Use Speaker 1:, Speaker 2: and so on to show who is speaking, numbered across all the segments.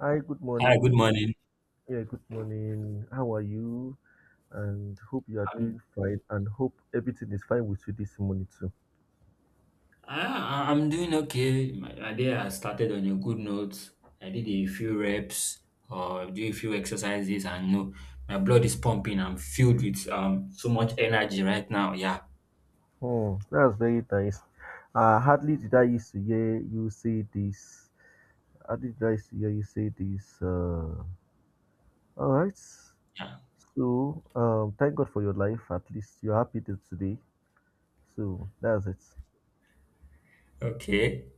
Speaker 1: Hi, good
Speaker 2: Hi, good
Speaker 1: morning.
Speaker 2: morning.
Speaker 1: Yeah, good morning. How are you? And hope you are
Speaker 2: I'm,
Speaker 1: doing fine and hope everything is fine with you this morning too.
Speaker 2: I'm doing okay. My day has started on a good note. I did a few reps or do a few exercises, and no, my blood is pumping. I'm filled with so much energy right now. Yeah,
Speaker 1: Hmm, that's very nice. Hardly did I used to hear you say this. Hardly did I used to hear you say this. All right.
Speaker 2: yeah.
Speaker 1: So, thank God for your life. At least you're happy till today. So, that's it.
Speaker 2: Okay.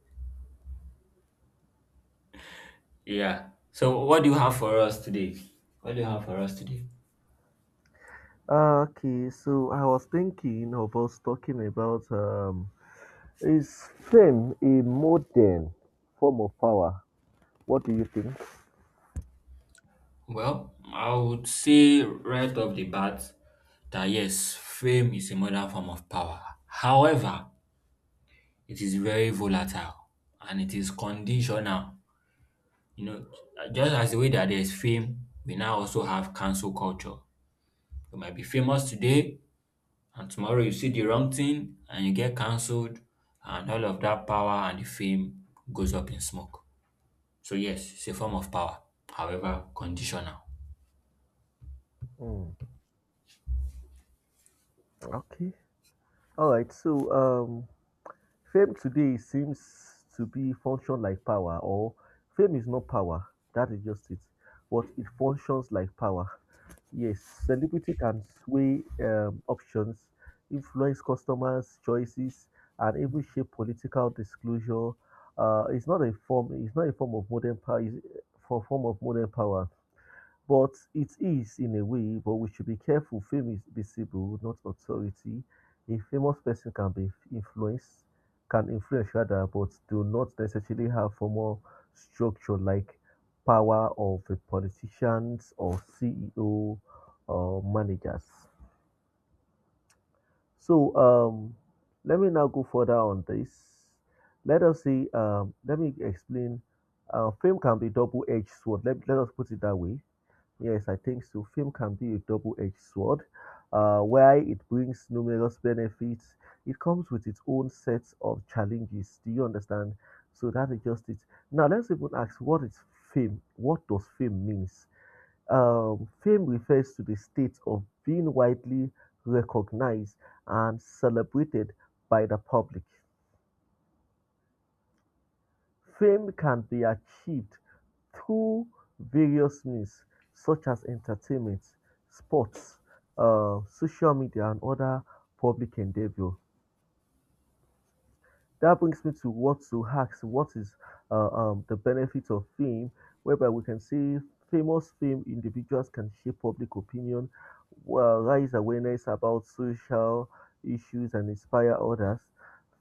Speaker 2: Yeah. So, what do you have for us today? What do you have for us today?
Speaker 1: Okay, so I was thinking of us talking about. Is fame a modern form of power? What do you think?
Speaker 2: Well, I would say right off the bat that yes, fame is a modern form of power. However, it is very volatile and it is conditional. You know, just as the way that there's fame, we now also have cancel culture. You might be famous today, and tomorrow you see the wrong thing and you get cancelled, and all of that power and the fame goes up in smoke. So, yes, it's a form of power, however, conditional.
Speaker 1: Mm, okay. All right. So, um, Fame today seems to be function like power, or fame is not power. That is just it. But it functions like power. Yes, celebrity can sway options, influence customers' choices, and even shape political disclosure. It's not a form of modern power. It's form of modern power. But it is in a way, but we should be careful. Fame is visible, not authority. A famous person can be influenced, can influence rather, but do not necessarily have formal structure like power of a politicians or CEO or managers. So um, Let me now go further on this. Let us see. Let me explain. Fame can be double-edged sword. Let us put it that way. Yes, I think so. Fame can be a double-edged sword. While it brings numerous benefits, it comes with its own sets of challenges. Do you understand? So that is just it. Now let's even ask, what is fame? What does fame means? Fame refers to the state of being widely recognized and celebrated by the public. Fame can be achieved through various means such as entertainment, sports, social media, and other public endeavor. That brings me to what to ask what is the benefit of fame, whereby we can see famous fame individuals can shape public opinion, well, raise awareness about social issues, and inspire others.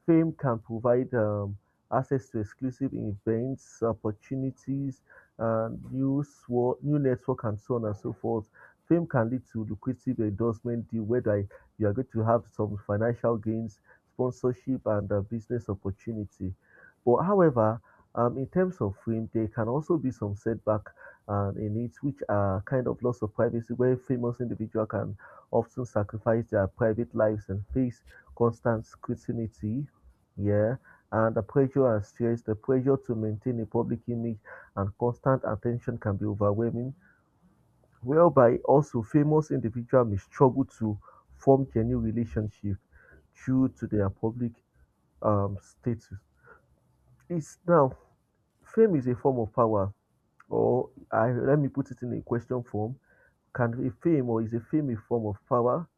Speaker 1: Fame can provide access to exclusive events, opportunities, new, new network, and so on and so forth. Fame can lead to lucrative endorsement deal, whereby you are going to have some financial gains sponsorship and business opportunity. But however, in terms of fame, there can also be some setback in it, which are kind of loss of privacy, where famous individuals can often sacrifice their private lives and face constant scrutiny. Yeah. And the pressure and stress, the pressure to maintain a public image and constant attention can be overwhelming. Whereby also famous individuals may struggle to form genuine relationship due to their public status. It's now fame is a form of power, or I, let me put it in a question form can be fame or is a fame a form of power?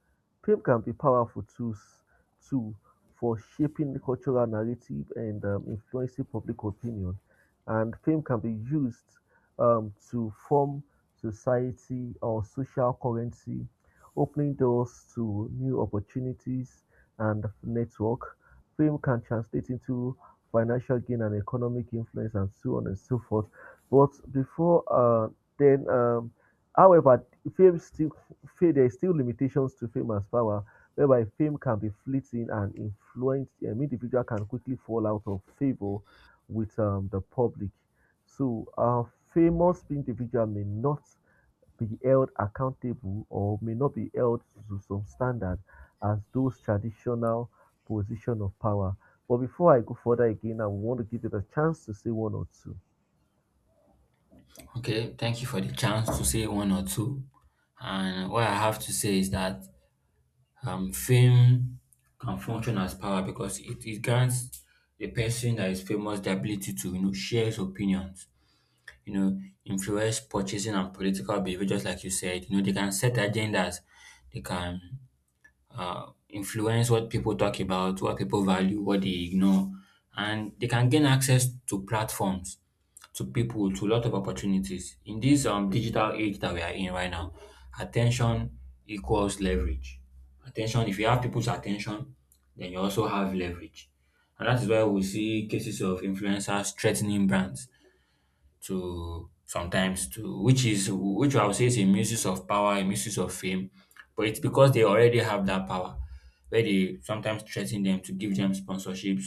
Speaker 1: Fame can be powerful tools too for shaping the cultural narrative and influencing public opinion. And fame can be used to form society or social currency, opening doors to new opportunities and network. Fame can translate into financial gain and economic influence and so on and so forth. But before uh, then, um, However, fame still there is still limitations to fame as power whereby fame can be fleeting and influence individual can quickly fall out of favor with the public so a famous individual may not be held accountable or may not be held to some standard as those traditional position of power but before I go further again I want to give it a chance to say one or two.
Speaker 2: Okay, thank you for the chance to say one or two. And what I have to say is that fame can function as power because it grants the person that is famous the ability to you know share his opinions, you know, influence purchasing and political behavior, just like you said. You know, they can set agendas, they can influence what people talk about, what people value, what they ignore, and they can gain access to platforms to people to a lot of opportunities. In this digital age that we are in right now, attention equals leverage. Attention, if you have people's attention, then you also have leverage. And that is why we see cases of influencers threatening brands to sometimes to which is which I would say is a misuse of power, a misuse of fame, but it's because they already have that power where they sometimes threaten them to give them sponsorships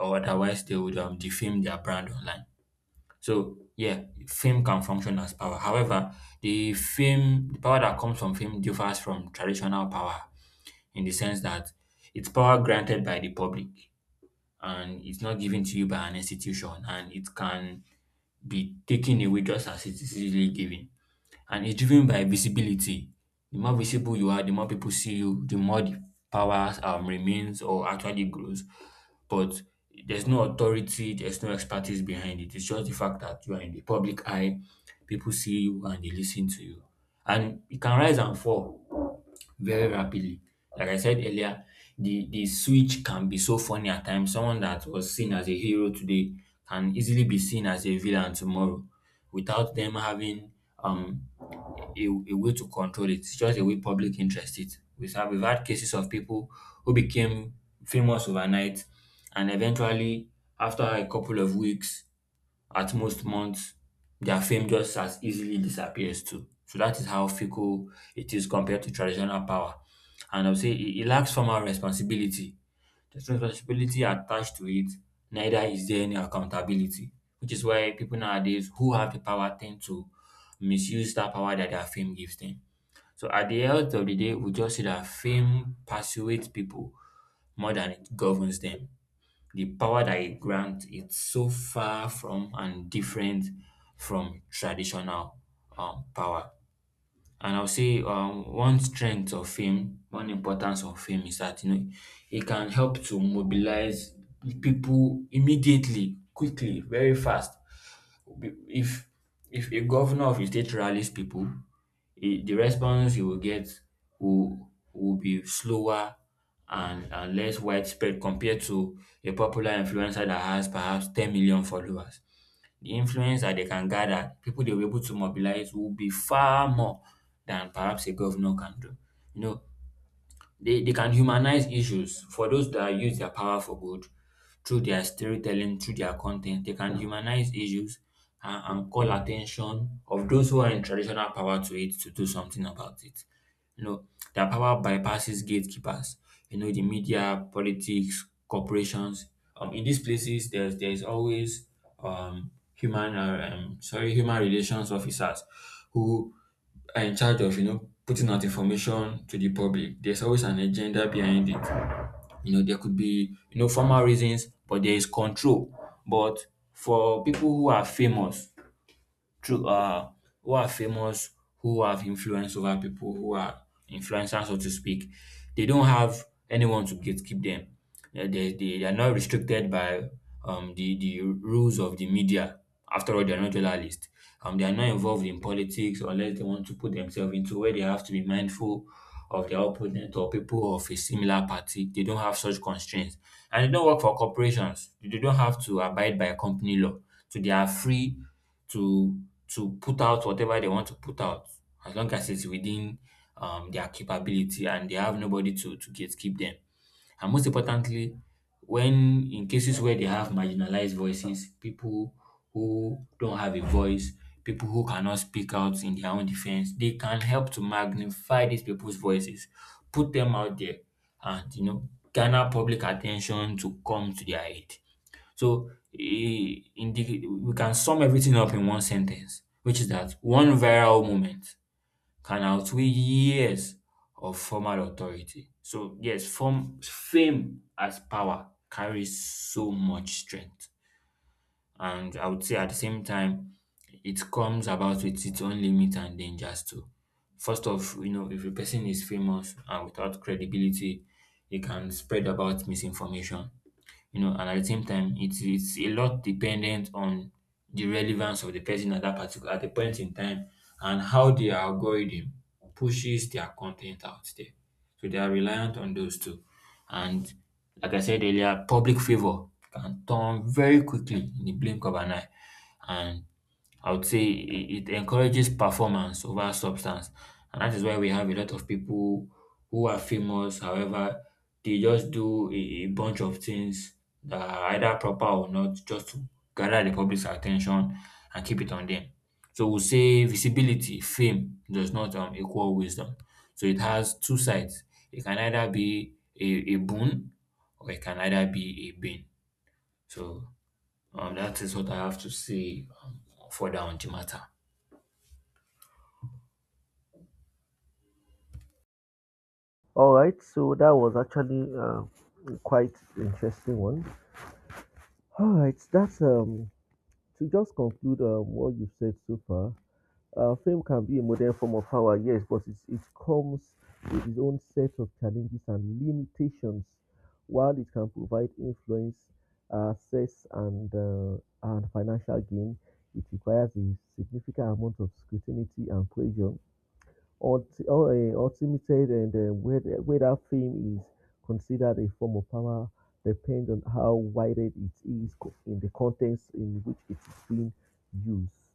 Speaker 2: or otherwise they would defame their brand online. So yeah, fame can function as power. However, the fame, the power that comes from fame differs from traditional power in the sense that it's power granted by the public and it's not given to you by an institution and it can be taken away just as it is easily given and it's driven by visibility. The more visible you are, the more people see you, the more the power remains or actually grows. But there's no authority, there's no expertise behind it. It's just the fact that you are in the public eye, people see you and they listen to you. And it can rise and fall very rapidly. Like I said earlier, the switch can be so funny at times. Someone that was seen as a hero today can easily be seen as a villain tomorrow without them having um a way to control it. It's just a way public interest it. We've had cases of people who became famous overnight and eventually after a couple of weeks at most months, their fame just as easily disappears too. So that is how fickle it is compared to traditional power. And I'll say it, it lacks formal responsibility. There's no responsibility attached to it, neither is there any accountability, which is why people nowadays who have the power tend to misuse that power that their fame gives them. So at the end of the day, we just see that fame persuades people more than it governs them. The power that it grants, it's so far from and different from traditional power. And I'll say one strength of fame, one importance of fame is that you know it can help to mobilize people immediately, quickly, very fast. Be- If if a governor of a state rallies people, the response he will get will be slower and less widespread compared to a popular influencer that has perhaps 10 million followers. The influence that they can gather, people they'll be able to mobilize will be far more than perhaps a governor can do. You know, they can humanize issues for those that use their power for good through their storytelling, through their content. They can humanize issues and call attention of those who are in traditional power to it to do something about it. You know, their power bypasses gatekeepers. You know, the media, politics, corporations. In these places, there's always human sorry human relations officers who are in charge of you know putting out information to the public there's always an agenda behind it you know there could be you know formal reasons but there is control but for people who are famous through who are famous, who have influence over people, who are influencers, so to speak, they don't have anyone to gatekeep them. They are not restricted by the rules of the media. After all, they are not journalists. They are not involved in politics unless they want to put themselves into where they have to be mindful of their opponent or people of a similar party. They don't have such constraints. And they don't work for corporations. They don't have to abide by company law. So they are free to put out whatever they want to put out as long as it's within their capability and they have nobody to gatekeep them. And most importantly, when in cases where they have marginalized voices, people who don't have a voice, people who cannot speak out in their own defense, they can help to magnify these people's voices, put them out there, and you know, garner public attention to come to their aid. So in the we can sum everything up in one sentence, which is that one viral moment can outweigh years of formal authority. So yes, form fame as power carries so much strength. And I would say at the same time, it comes about with its own limits and dangers too. First off, you know, if a person is famous and without credibility, it can spread about misinformation you know, and at the same time, it's a lot dependent on the relevance of the person at that particular at the point in time and how the algorithm pushes their content out there. So they are reliant on those two. And like I said earlier, public favor can turn very quickly in the blink of an eye. And I would say it encourages performance over substance. And that is why we have a lot of people who are famous, however, they just do a bunch of things that are either proper or not just to gather the public's attention and keep it on them. So we'll say visibility, fame does not equal wisdom. So it has two sides. It can either be a boon or it can either be a bane. So that is what I have to say further on the matter.
Speaker 1: All right, so that was actually quite interesting one. All right, that's To just conclude what you've said so far. Fame can be a modern form of power, yes, but it comes with its own set of challenges and limitations. While it can provide influence, access, and financial gain, it requires a significant amount of scrutiny and pressure. Ultimated and whether fame is considered a form of power depends on how wided in the context in which it is being used.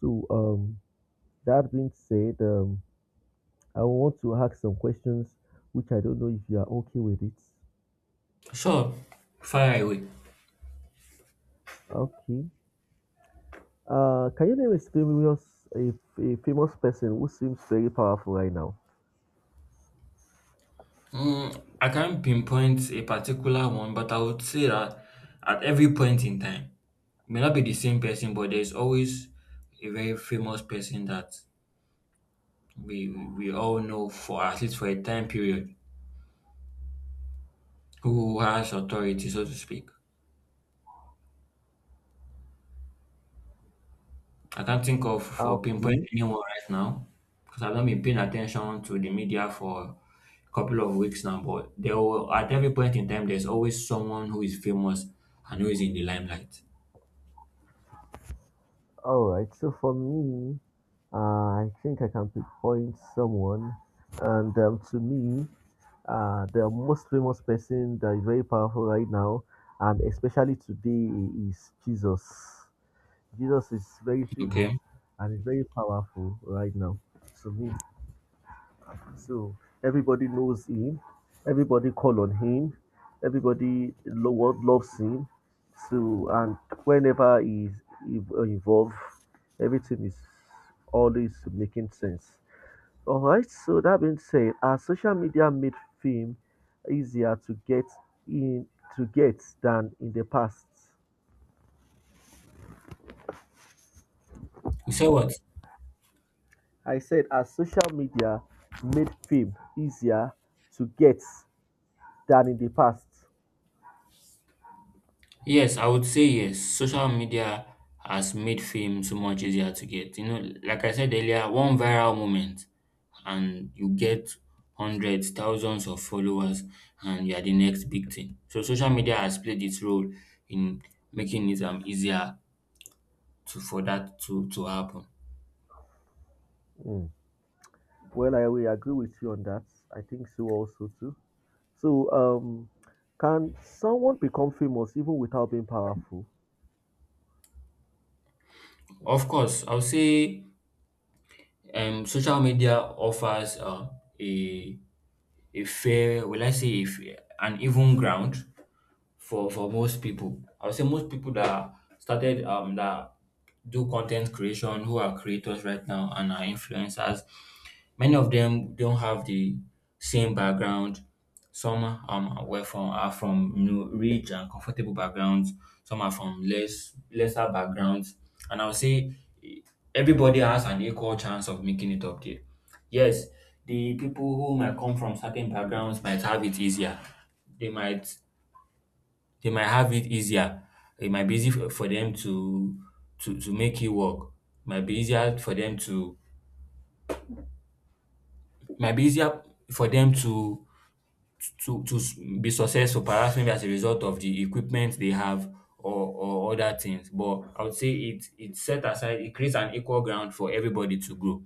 Speaker 1: So, that being said, I want to ask some questions which I don't know if you are okay with it.
Speaker 2: Sure, fire away.
Speaker 1: Okay. Can you name a famous a famous person who seems very powerful right now?
Speaker 2: Mm, I can't pinpoint a particular one, but I would say that at every point in time, may not be the same person, but there's always a very famous person that we all know for at least for a time period who has authority, so to speak. I can't think of for pinpoint
Speaker 1: Okay.
Speaker 2: anyone right now because I've not been paying attention to the media for a couple of weeks now. But there will, at every point in time, there's always someone who is famous and who is in the limelight.
Speaker 1: All right. So for me, I think I can pinpoint someone, and to me, the most famous person that is very powerful right now, and especially today, is Jesus. Jesus is very famous
Speaker 2: Okay.
Speaker 1: and is very powerful right now to me. So everybody knows him, everybody call on him, everybody world loves him. So and whenever he's involved, everything is always making sense. All right, so that being said, has social media made fame easier to get in to get than in the past?
Speaker 2: You say what?
Speaker 1: I said, has social media made fame easier to get than in the past?
Speaker 2: Yes, I would say yes. Social media has made fame so much easier to get. You know, like I said earlier, one viral moment and you get hundreds, thousands of followers and you are the next big thing. So social media has played its role in making it easier to for that to happen.
Speaker 1: Mm. Well, I will agree with you on that. I think so also too. So, can someone become famous even without being powerful?
Speaker 2: Of course, I'll say social media offers a a fair, will I say, if an even ground for most people. I would say most people that started that do content creation who are creators right now and are influencers, many of them don't have the same background. Some were from are from you know rich and comfortable backgrounds. Some are from less lesser backgrounds, and I would say eh, everybody has an equal chance of making it up there. Yes, the people who might come from certain backgrounds might have it easier. They might they might have it easier. It might be easy for them to to make it work. Might be easier for them to might be easier for them to to be successful, perhaps maybe as a result of the equipment they have or other things. But I would say it set aside it creates an equal ground for everybody to grow.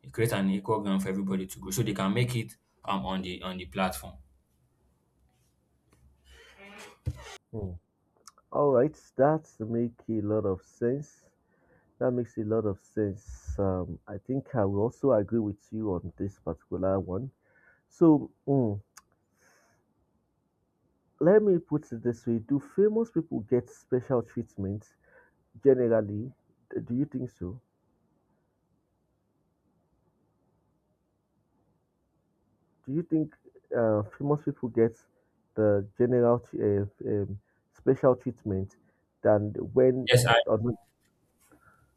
Speaker 2: It creates an equal ground for everybody to grow, so they can make it on the platform.
Speaker 1: Mm. All right, that make a lot of sense. That makes a lot of sense. I think I will also agree with you on this particular one. So, mm, let me put it this way: Do famous people get special treatment generally? Do you think so? Do you think famous people get the general special treatment than when,
Speaker 2: Yes, I.
Speaker 1: on-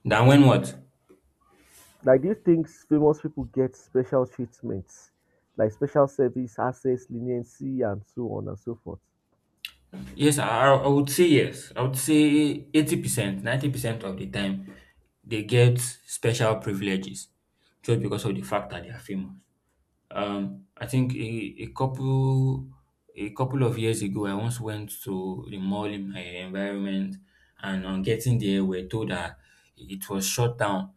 Speaker 2: Then when what?
Speaker 1: like, do you think famous people get special treatments, like special service, access, leniency, and so on and so forth?
Speaker 2: Yes, I would say yes. I would say 80%, 90% of the time, they get special privileges just because of the fact that they are famous. I think a couple a couple of years ago, I once went to the mall in my environment, and on getting there, we're told that it was shut down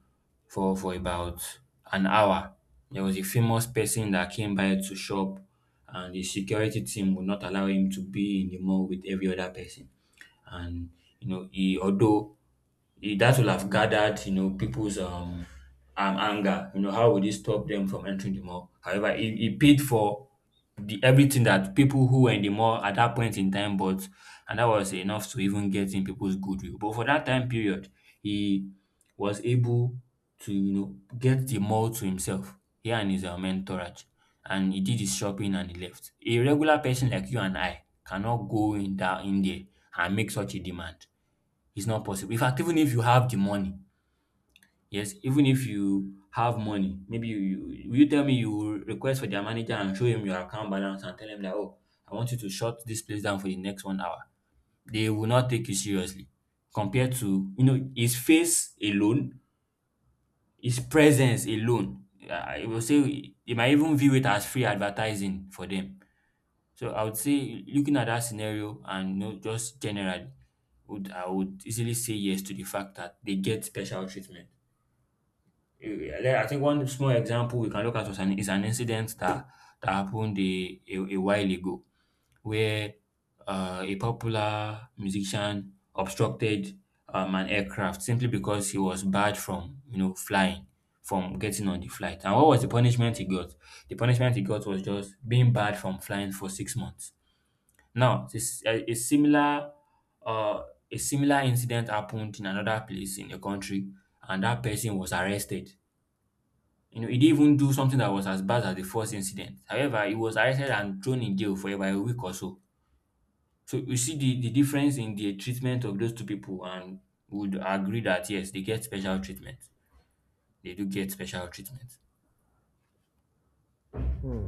Speaker 2: for about an hour. There was a famous person that came by to shop, and the security team would not allow him to be in the mall with every other person. And you know, he although he that will have gathered, you know, people's anger. You know, how would he stop them from entering the mall? However, he paid for the everything that people who were in the mall at that point in time bought, and that was enough to even get in people's goodwill. But for that time period, he was able to, you know, get the mall to himself, he and his entourage, and he did his shopping and he left. A regular person like you and I cannot go in that in there and make such a demand. It's not possible. In fact, even if you have the money, yes, even if you have money, maybe you, you will you tell me you will request for their manager and show him your account balance and tell him that oh, I want you to shut this place down for the next 1 hour. They will not take you seriously. Compared to you know his face alone, his presence alone, I will say they might even view it as free advertising for them. So I would say looking at that scenario and you know, just generally, would I would easily say yes to the fact that they get special treatment. I think one small example we can look at is an incident that happened a while ago where a popular musician obstructed an aircraft simply because he was barred from you know flying from getting on the flight. And what was the punishment he got? The punishment he got was just being barred from flying for 6 months. Now, uh, a similar incident happened in another place in a country, and that person was arrested. You know, he didn't even do something that was as bad as the first incident. However, he was arrested and thrown in jail for about a week or so. So you see the difference in the treatment of those two people, and would agree that yes, they get special treatment. They do get special treatment.
Speaker 1: Hmm.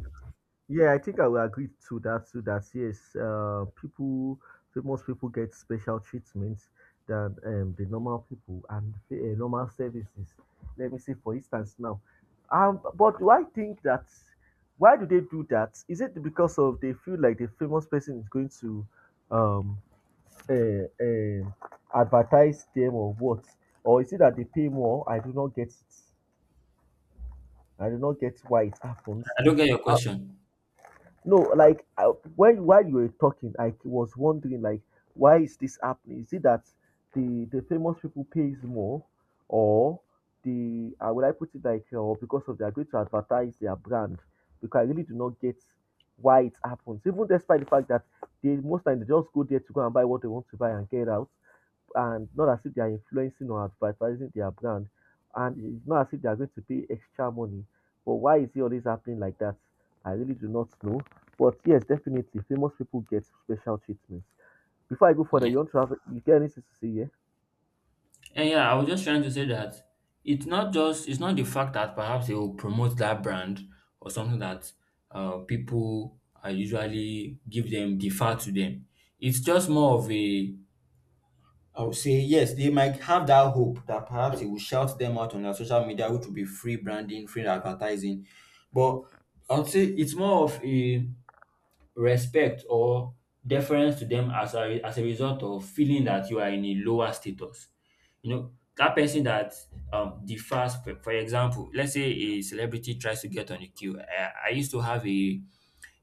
Speaker 1: Yeah, I think I will agree to that too. That yes, famous people get special treatment than the normal people and normal services. Let me say, for instance, now, but do I think that why do they do that? Is it because of they feel like the famous person is going to um uh, uh, advertise them or what? Or is it that they pay more? I do not get it. I do not get why it happens.
Speaker 2: I don't get your question.
Speaker 1: No, like I, when while you were talking, I was wondering like why is this happening? Is it that the famous people pays more, or the how would I put it like or because of they are going to advertise their brand? Because I really do not get why it happens. Even despite the fact that they most time they just go there to go and buy what they want to buy and get out, and not as if they are influencing or advertising their brand, and it's not as if they are going to pay extra money. But why is it always happening like that? I really do not know but yes, definitely, famous people get special treatment. Before I go further, you want to have you get anything to say? Yeah.
Speaker 2: And yeah, I was just trying to say that it's not the fact that perhaps they will promote that brand or something that people are usually give them defer to them. It's just more of a I would say yes, they might have that hope that perhaps it will shout them out on their social media, which will be free branding, free advertising. But I would say it's more of a respect or deference to them as a result of feeling that you are in a lower status. You know, that person that differs for example, let's say a celebrity tries to get on a queue. I used to have a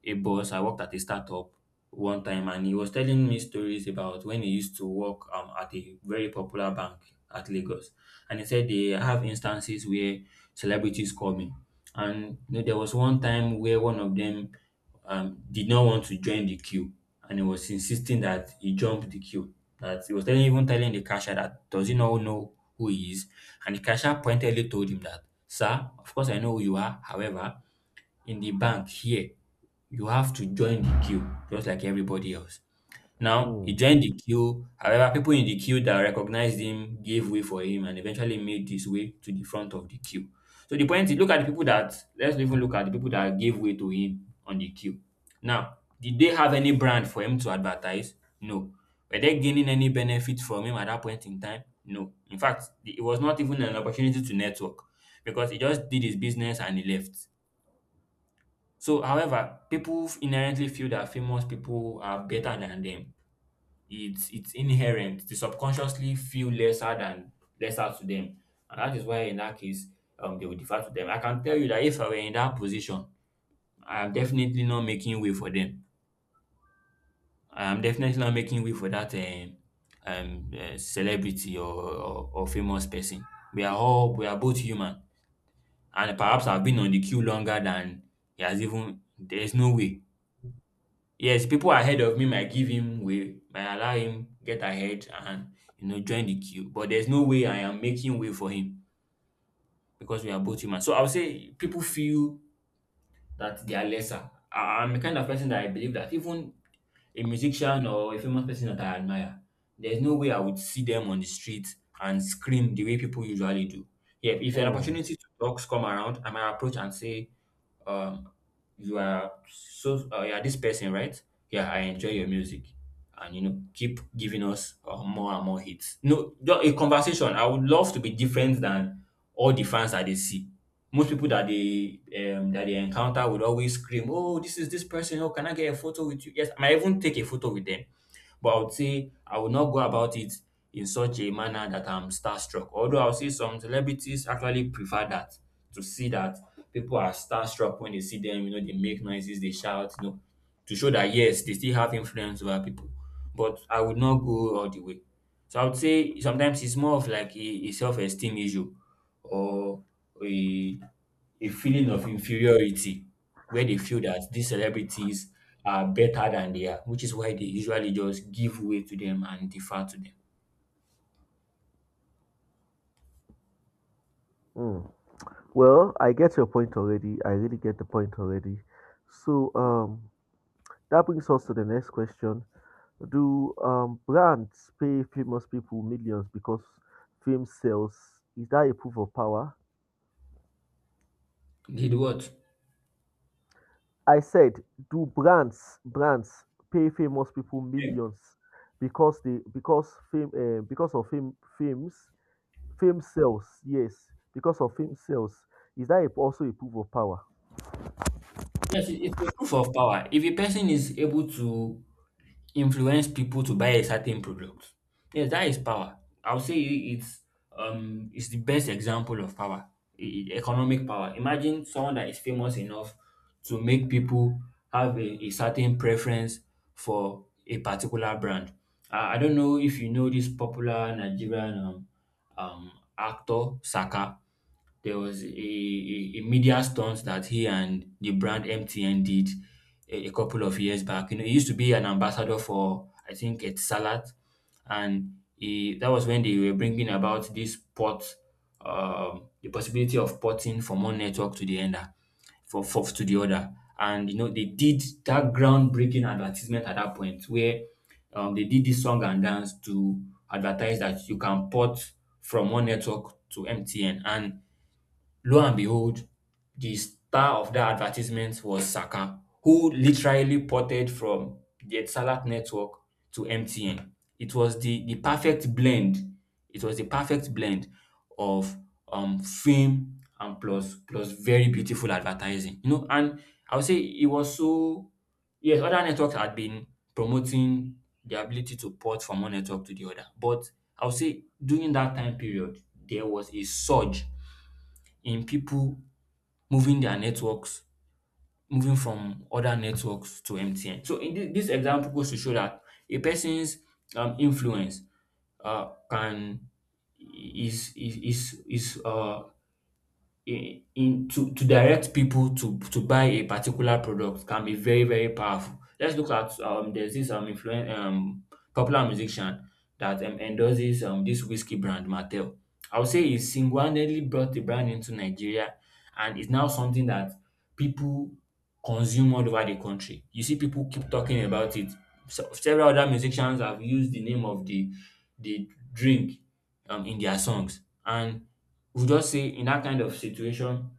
Speaker 2: a boss. I worked at a startup one time, and he was telling me stories about when he used to work at a very popular bank at Lagos. And he said they have instances where celebrities call me. And you know, there was one time where one of them did not want to join the queue, and he was insisting that he jumped the queue. That he was telling, even telling the cashier that does he not know who he is, and the cashier pointedly told him that, "Sir, of course I know who you are. However, in the bank here, you have to join the queue just like everybody else. Now, he
Speaker 1: Mm,
Speaker 2: joined the queue. However, people in the queue that recognized him gave way for him and eventually made his way to the front of the queue. So the point is, look at the people that, let's even look at the people that gave way to him on the queue. Now, did they have any brand for him to advertise? No. Were they gaining any benefit from him at that point in time? No. In fact, the- it was not even an opportunity to network because he just did his business and he left. So, however, people inherently feel that famous people are better than them. It's inherent. They subconsciously feel lesser than lesser to them, and that is why in that case, they will defer to them. I can tell you that if I were in that position, I am definitely not making way for them. I am definitely not making way for that celebrity or famous person. We are both human, and perhaps I've been on the queue longer than he has even. There is no way. Yes, people ahead of me might give him way, might allow him get ahead and you know join the queue. But there's no way I am making way for him because we are both human. So I would say people feel that they are lesser. I'm the kind of person that I believe that even a musician or a famous person that I admire, there's no way I would see them on the street and scream the way people usually do. Yeah, if an
Speaker 1: mm,
Speaker 2: opportunity to talk come around, I might approach and say, um you are so you are this person, right? Yeah, I enjoy your music, and you know keep giving us more and more hits. No, just a conversation. I would love to be different than all the fans that they see. Most people that they encounter would always scream, oh, this is this person, oh, can I get a photo with you? Yes, I might even take a photo with them, but I would say I would not go about it in such a manner that I'm starstruck. Although I'll say some celebrities actually prefer that, to see that people are starstruck when they see them, you know, they make noises, they shout, you know, to show that yes, they still have influence over people. But I would not go all the way. So I would say sometimes it's more of like a self-esteem issue or a a feeling of inferiority where they feel that these celebrities are better than they are, which is why they usually just give way to them and defer to them.
Speaker 1: mm. Well, I get your point already. I really get the point already. So, that brings us to the next question: Do brands pay famous people millions because fame sells? Is that a proof of power?
Speaker 2: Did what?
Speaker 1: I said, do brands pay famous people millions because they because fame because of fames Fame sells, yes. Because of fame sells. Is that a- also a proof of power?
Speaker 2: Yes, it's a proof of power. If a person is able to influence people to buy a certain product, yes, that is power. I would say it's the best example of power, e- economic power. Imagine someone that is famous enough to make people have a certain preference for a particular brand. I don't know if you know this popular Nigerian um actor Saka. There was a media stunt that he and the brand MTN did a couple of years back. You know, he used to be an ambassador for, I think, it's Salat. And he, that was when they were bringing about this port, the possibility of porting from one network to the other, for to the other. And, you know, they did that groundbreaking advertisement at that point where they did this song and dance to advertise that you can port from one network to MTN. And lo and behold, the star of that advertisement was Saka, who literally ported from the Etisalat network to MTN. It was the perfect blend. It was the perfect blend of fame and plus very beautiful advertising. You know, and I would say it was so, yes, other networks had been promoting the ability to port from one network to the other. But I would say during that time period, there was a surge in people moving their networks, moving from other networks to MTN. So this example goes to show that a person's influence can is in to direct people to buy a particular product can be very powerful. Let's look at there's this popular musician that endorses this whiskey brand Mattel. I would say he single-handedly brought the brand into Nigeria, and it's now something that people consume all over the country. You see people keep talking about it. So, several other musicians have used the name of the drink in their songs, and we'll just say in that kind of situation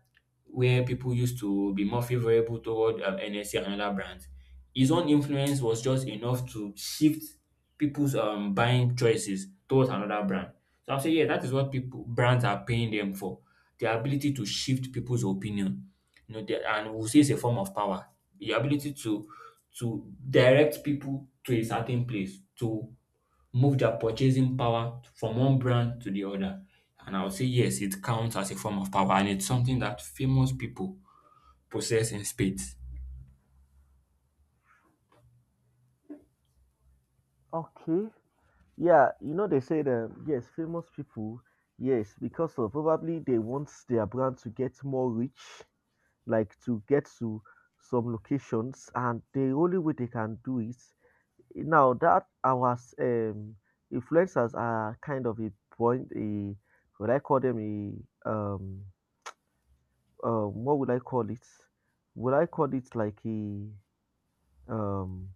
Speaker 2: where people used to be more favorable toward NSC and other brands. His own influence was just enough to shift people's buying choices towards another brand. So I'll say, yeah, that is what people brands are paying them for. The ability to shift people's opinion. And we'll say it's a form of power. The ability to direct people to a certain place, to move their purchasing power from one brand to the other. And I would say yes, it counts as a form of power, and it's something that famous people possess in spades.
Speaker 1: Okay. Yeah, you know they say that yes, famous people, yes, because of probably they want their brand to get more rich, like to get to some locations, and the only way they can do it now that our influencers are kind of a point a would I call them a what would I call it? Would I call it like a Um,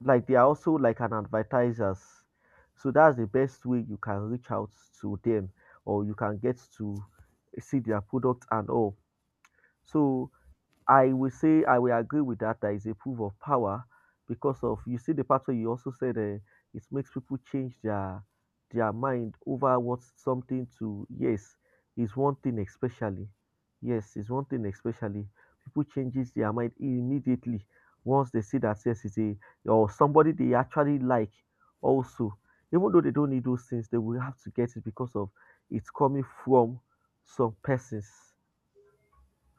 Speaker 1: like they are also like an advertisers. So that's the best way you can reach out to them or you can get to see their product and all. So I will say I will agree with that. That is a proof of power because of you see the part where you also said it makes people change their mind over what's something to yes is one thing especially yes is one thing especially people changes their mind immediately once they see that yes it's a or somebody they actually like also even though they don't need those things they will have to get it because of it's coming from some persons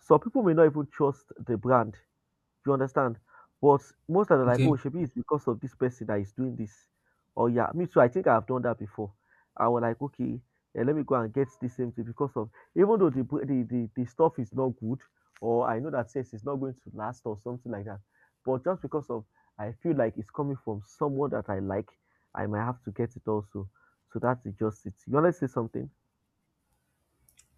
Speaker 1: some people may not even trust the brand do You understand? But most of them are like,
Speaker 2: Okay.
Speaker 1: oh, should be it's because of this person that is doing this. Oh yeah, me too. I think I've done that before. I was like, okay, let me go and get this same thing because of even though the stuff is not good, or I know that says it's not going to last or something like that. But just because of I feel like it's coming from someone that I like, I might have to get it also. So that's just it. You wanna say something?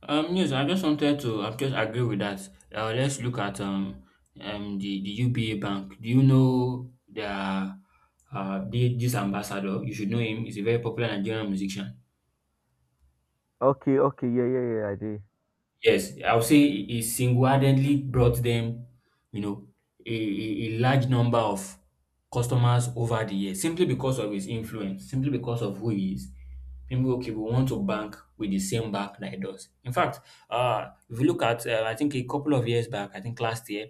Speaker 2: Yes, I just wanted to. I just agree with that. Let's look at the UBA Bank. Do you know the this ambassador? You should know him. He's a very popular Nigerian musician.
Speaker 1: Okay, okay, yeah, yeah, yeah, I did.
Speaker 2: Yes, I would say he single-handedly brought them, you know, a large number of customers over the years, simply because of his influence, simply because of who he is. People, okay, we want to bank with the same bank that he does. In fact, if you look at, I think a couple of years back, I think last year,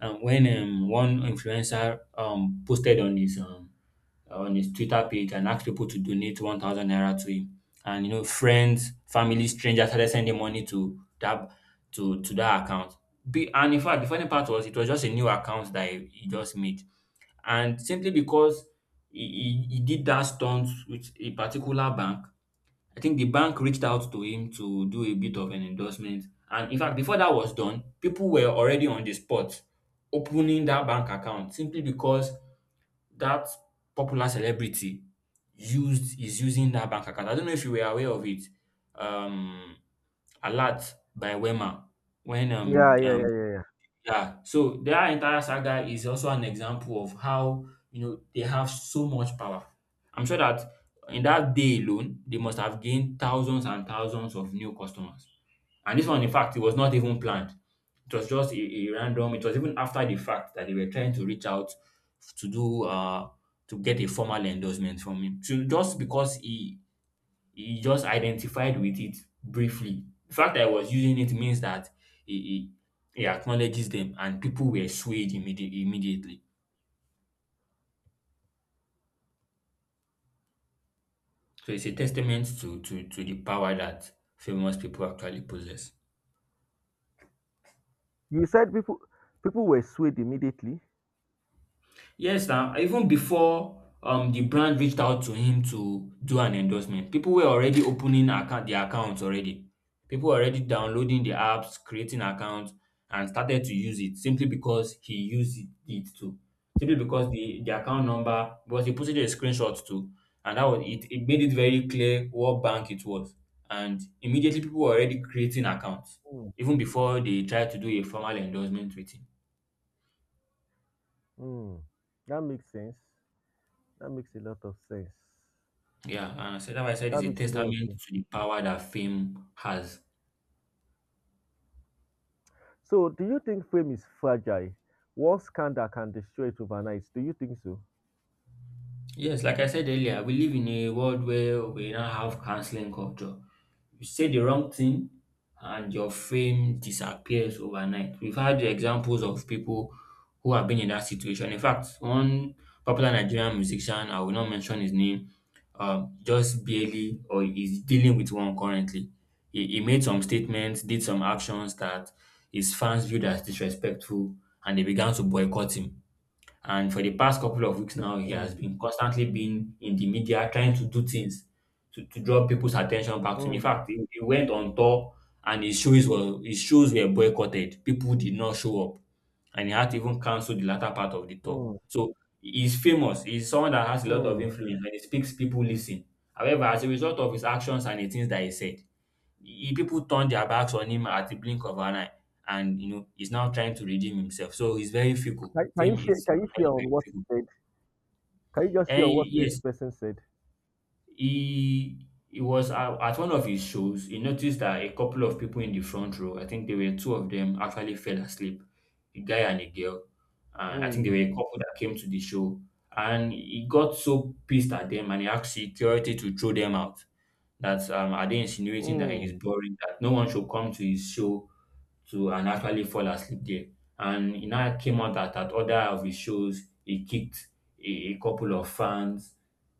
Speaker 2: and when one influencer posted on his on his Twitter page and asked people to donate 1,000 naira to him. And you know, friends, family, strangers started sending money to that account. Be, and In fact, the funny part was it was just a new account that he just made, and simply because he did that stunt with a particular bank. I think the bank reached out to him to do a bit of an endorsement. And in fact, before that was done, people were already on the spot opening that bank account simply because that popular celebrity used is using that bank account. I don't know if you were aware of it. Um, Alert by Wema when
Speaker 1: Yeah, yeah, yeah, yeah, yeah.
Speaker 2: Yeah, so their entire saga is also an example of how, you know, they have so much power. I'm sure that in that day alone, they must have gained thousands and thousands of new customers. And this one, in fact, it was not even planned. It was just a random. It was even after the fact that they were trying to reach out to do to get a formal endorsement from him. So just because he just identified with it briefly. The fact that he was using it means that he, he, he acknowledges them, and people were swayed immediately. So it's a testament to, to the power that famous people actually possess.
Speaker 1: You said people were swayed immediately.
Speaker 2: Yes now, even before the brand reached out to him to do an endorsement, people were already opening account their accounts already. People were already downloading the apps, creating accounts, and started to use it simply because he used it too. Simply because the account number, because he posted a screenshot too. And that was it. It made it very clear what bank it was. And immediately people were already creating accounts, even before they tried to do a formal endorsement with him.
Speaker 1: Hmm, that makes sense. That makes a lot of sense.
Speaker 2: Yeah, and I said it's
Speaker 1: That
Speaker 2: a
Speaker 1: makes a lot of
Speaker 2: testament
Speaker 1: sense.
Speaker 2: to the power that fame has.
Speaker 1: So, do you think fame is fragile? One scandal can destroy it overnight. Do you think so?
Speaker 2: Yes, like I said earlier, we live in a world where we now have canceling culture. You say the wrong thing and your fame disappears overnight. We've had the examples of people who have been in that situation. In fact, one popular Nigerian musician, I will not mention his name, just barely or is dealing with one currently. He made some statements, did some actions that his fans viewed as disrespectful, and they began to boycott him. And for the past couple of weeks now, he
Speaker 1: Mm,
Speaker 2: has been constantly been in the media trying to do things to, draw people's attention back to him. In
Speaker 1: mm,
Speaker 2: fact, he went on tour, and his shows were boycotted. People did not show up. And he had to even cancel the latter part of the tour.
Speaker 1: mm,
Speaker 2: So he's famous. He's someone that has a lot of
Speaker 1: mm.
Speaker 2: influence. When he speaks, people listen. However, as a result of his actions and the things that he said, he people turned their backs on him at the blink of an eye, and you know he's now trying to redeem himself. So he's very fickle.
Speaker 1: Can you
Speaker 2: Fame
Speaker 1: share?
Speaker 2: is
Speaker 1: Can you share
Speaker 2: actually
Speaker 1: on
Speaker 2: very
Speaker 1: what he
Speaker 2: fickle.
Speaker 1: said? Can you just share
Speaker 2: And
Speaker 1: on what this
Speaker 2: yes,
Speaker 1: person said?
Speaker 2: he at one of his shows. He noticed that a couple of people in the front row, I think there were two of them, actually fell asleep, a guy and a girl. And I think they
Speaker 1: Mm,
Speaker 2: were a couple that came to the show, and he got so pissed at them, and he asked security to throw them out. That are they insinuating that he's
Speaker 1: mm,
Speaker 2: boring? That no one should come to his show to and actually fall asleep there. And it now came out that at other of his shows, he kicked a couple of fans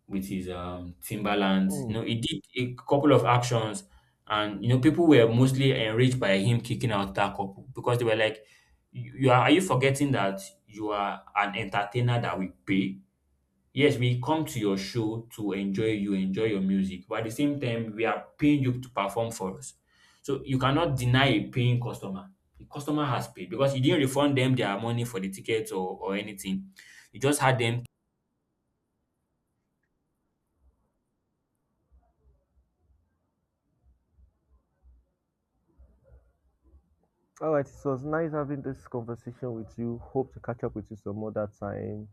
Speaker 2: with his Timberlands. You
Speaker 1: mm.
Speaker 2: know, he did a couple of actions, and, you know, people were mostly enraged by him kicking out that couple, because they were like, are you forgetting that you are an entertainer that we pay? Yes, we come to your show to enjoy you, enjoy your music, but at the same time, we are paying you to perform for us. So you cannot deny a paying customer. The customer has paid, because you didn't refund them their money for the ticket, or anything. You just had them
Speaker 1: All right. So it's nice having this conversation with you. Hope to catch up with you some other time.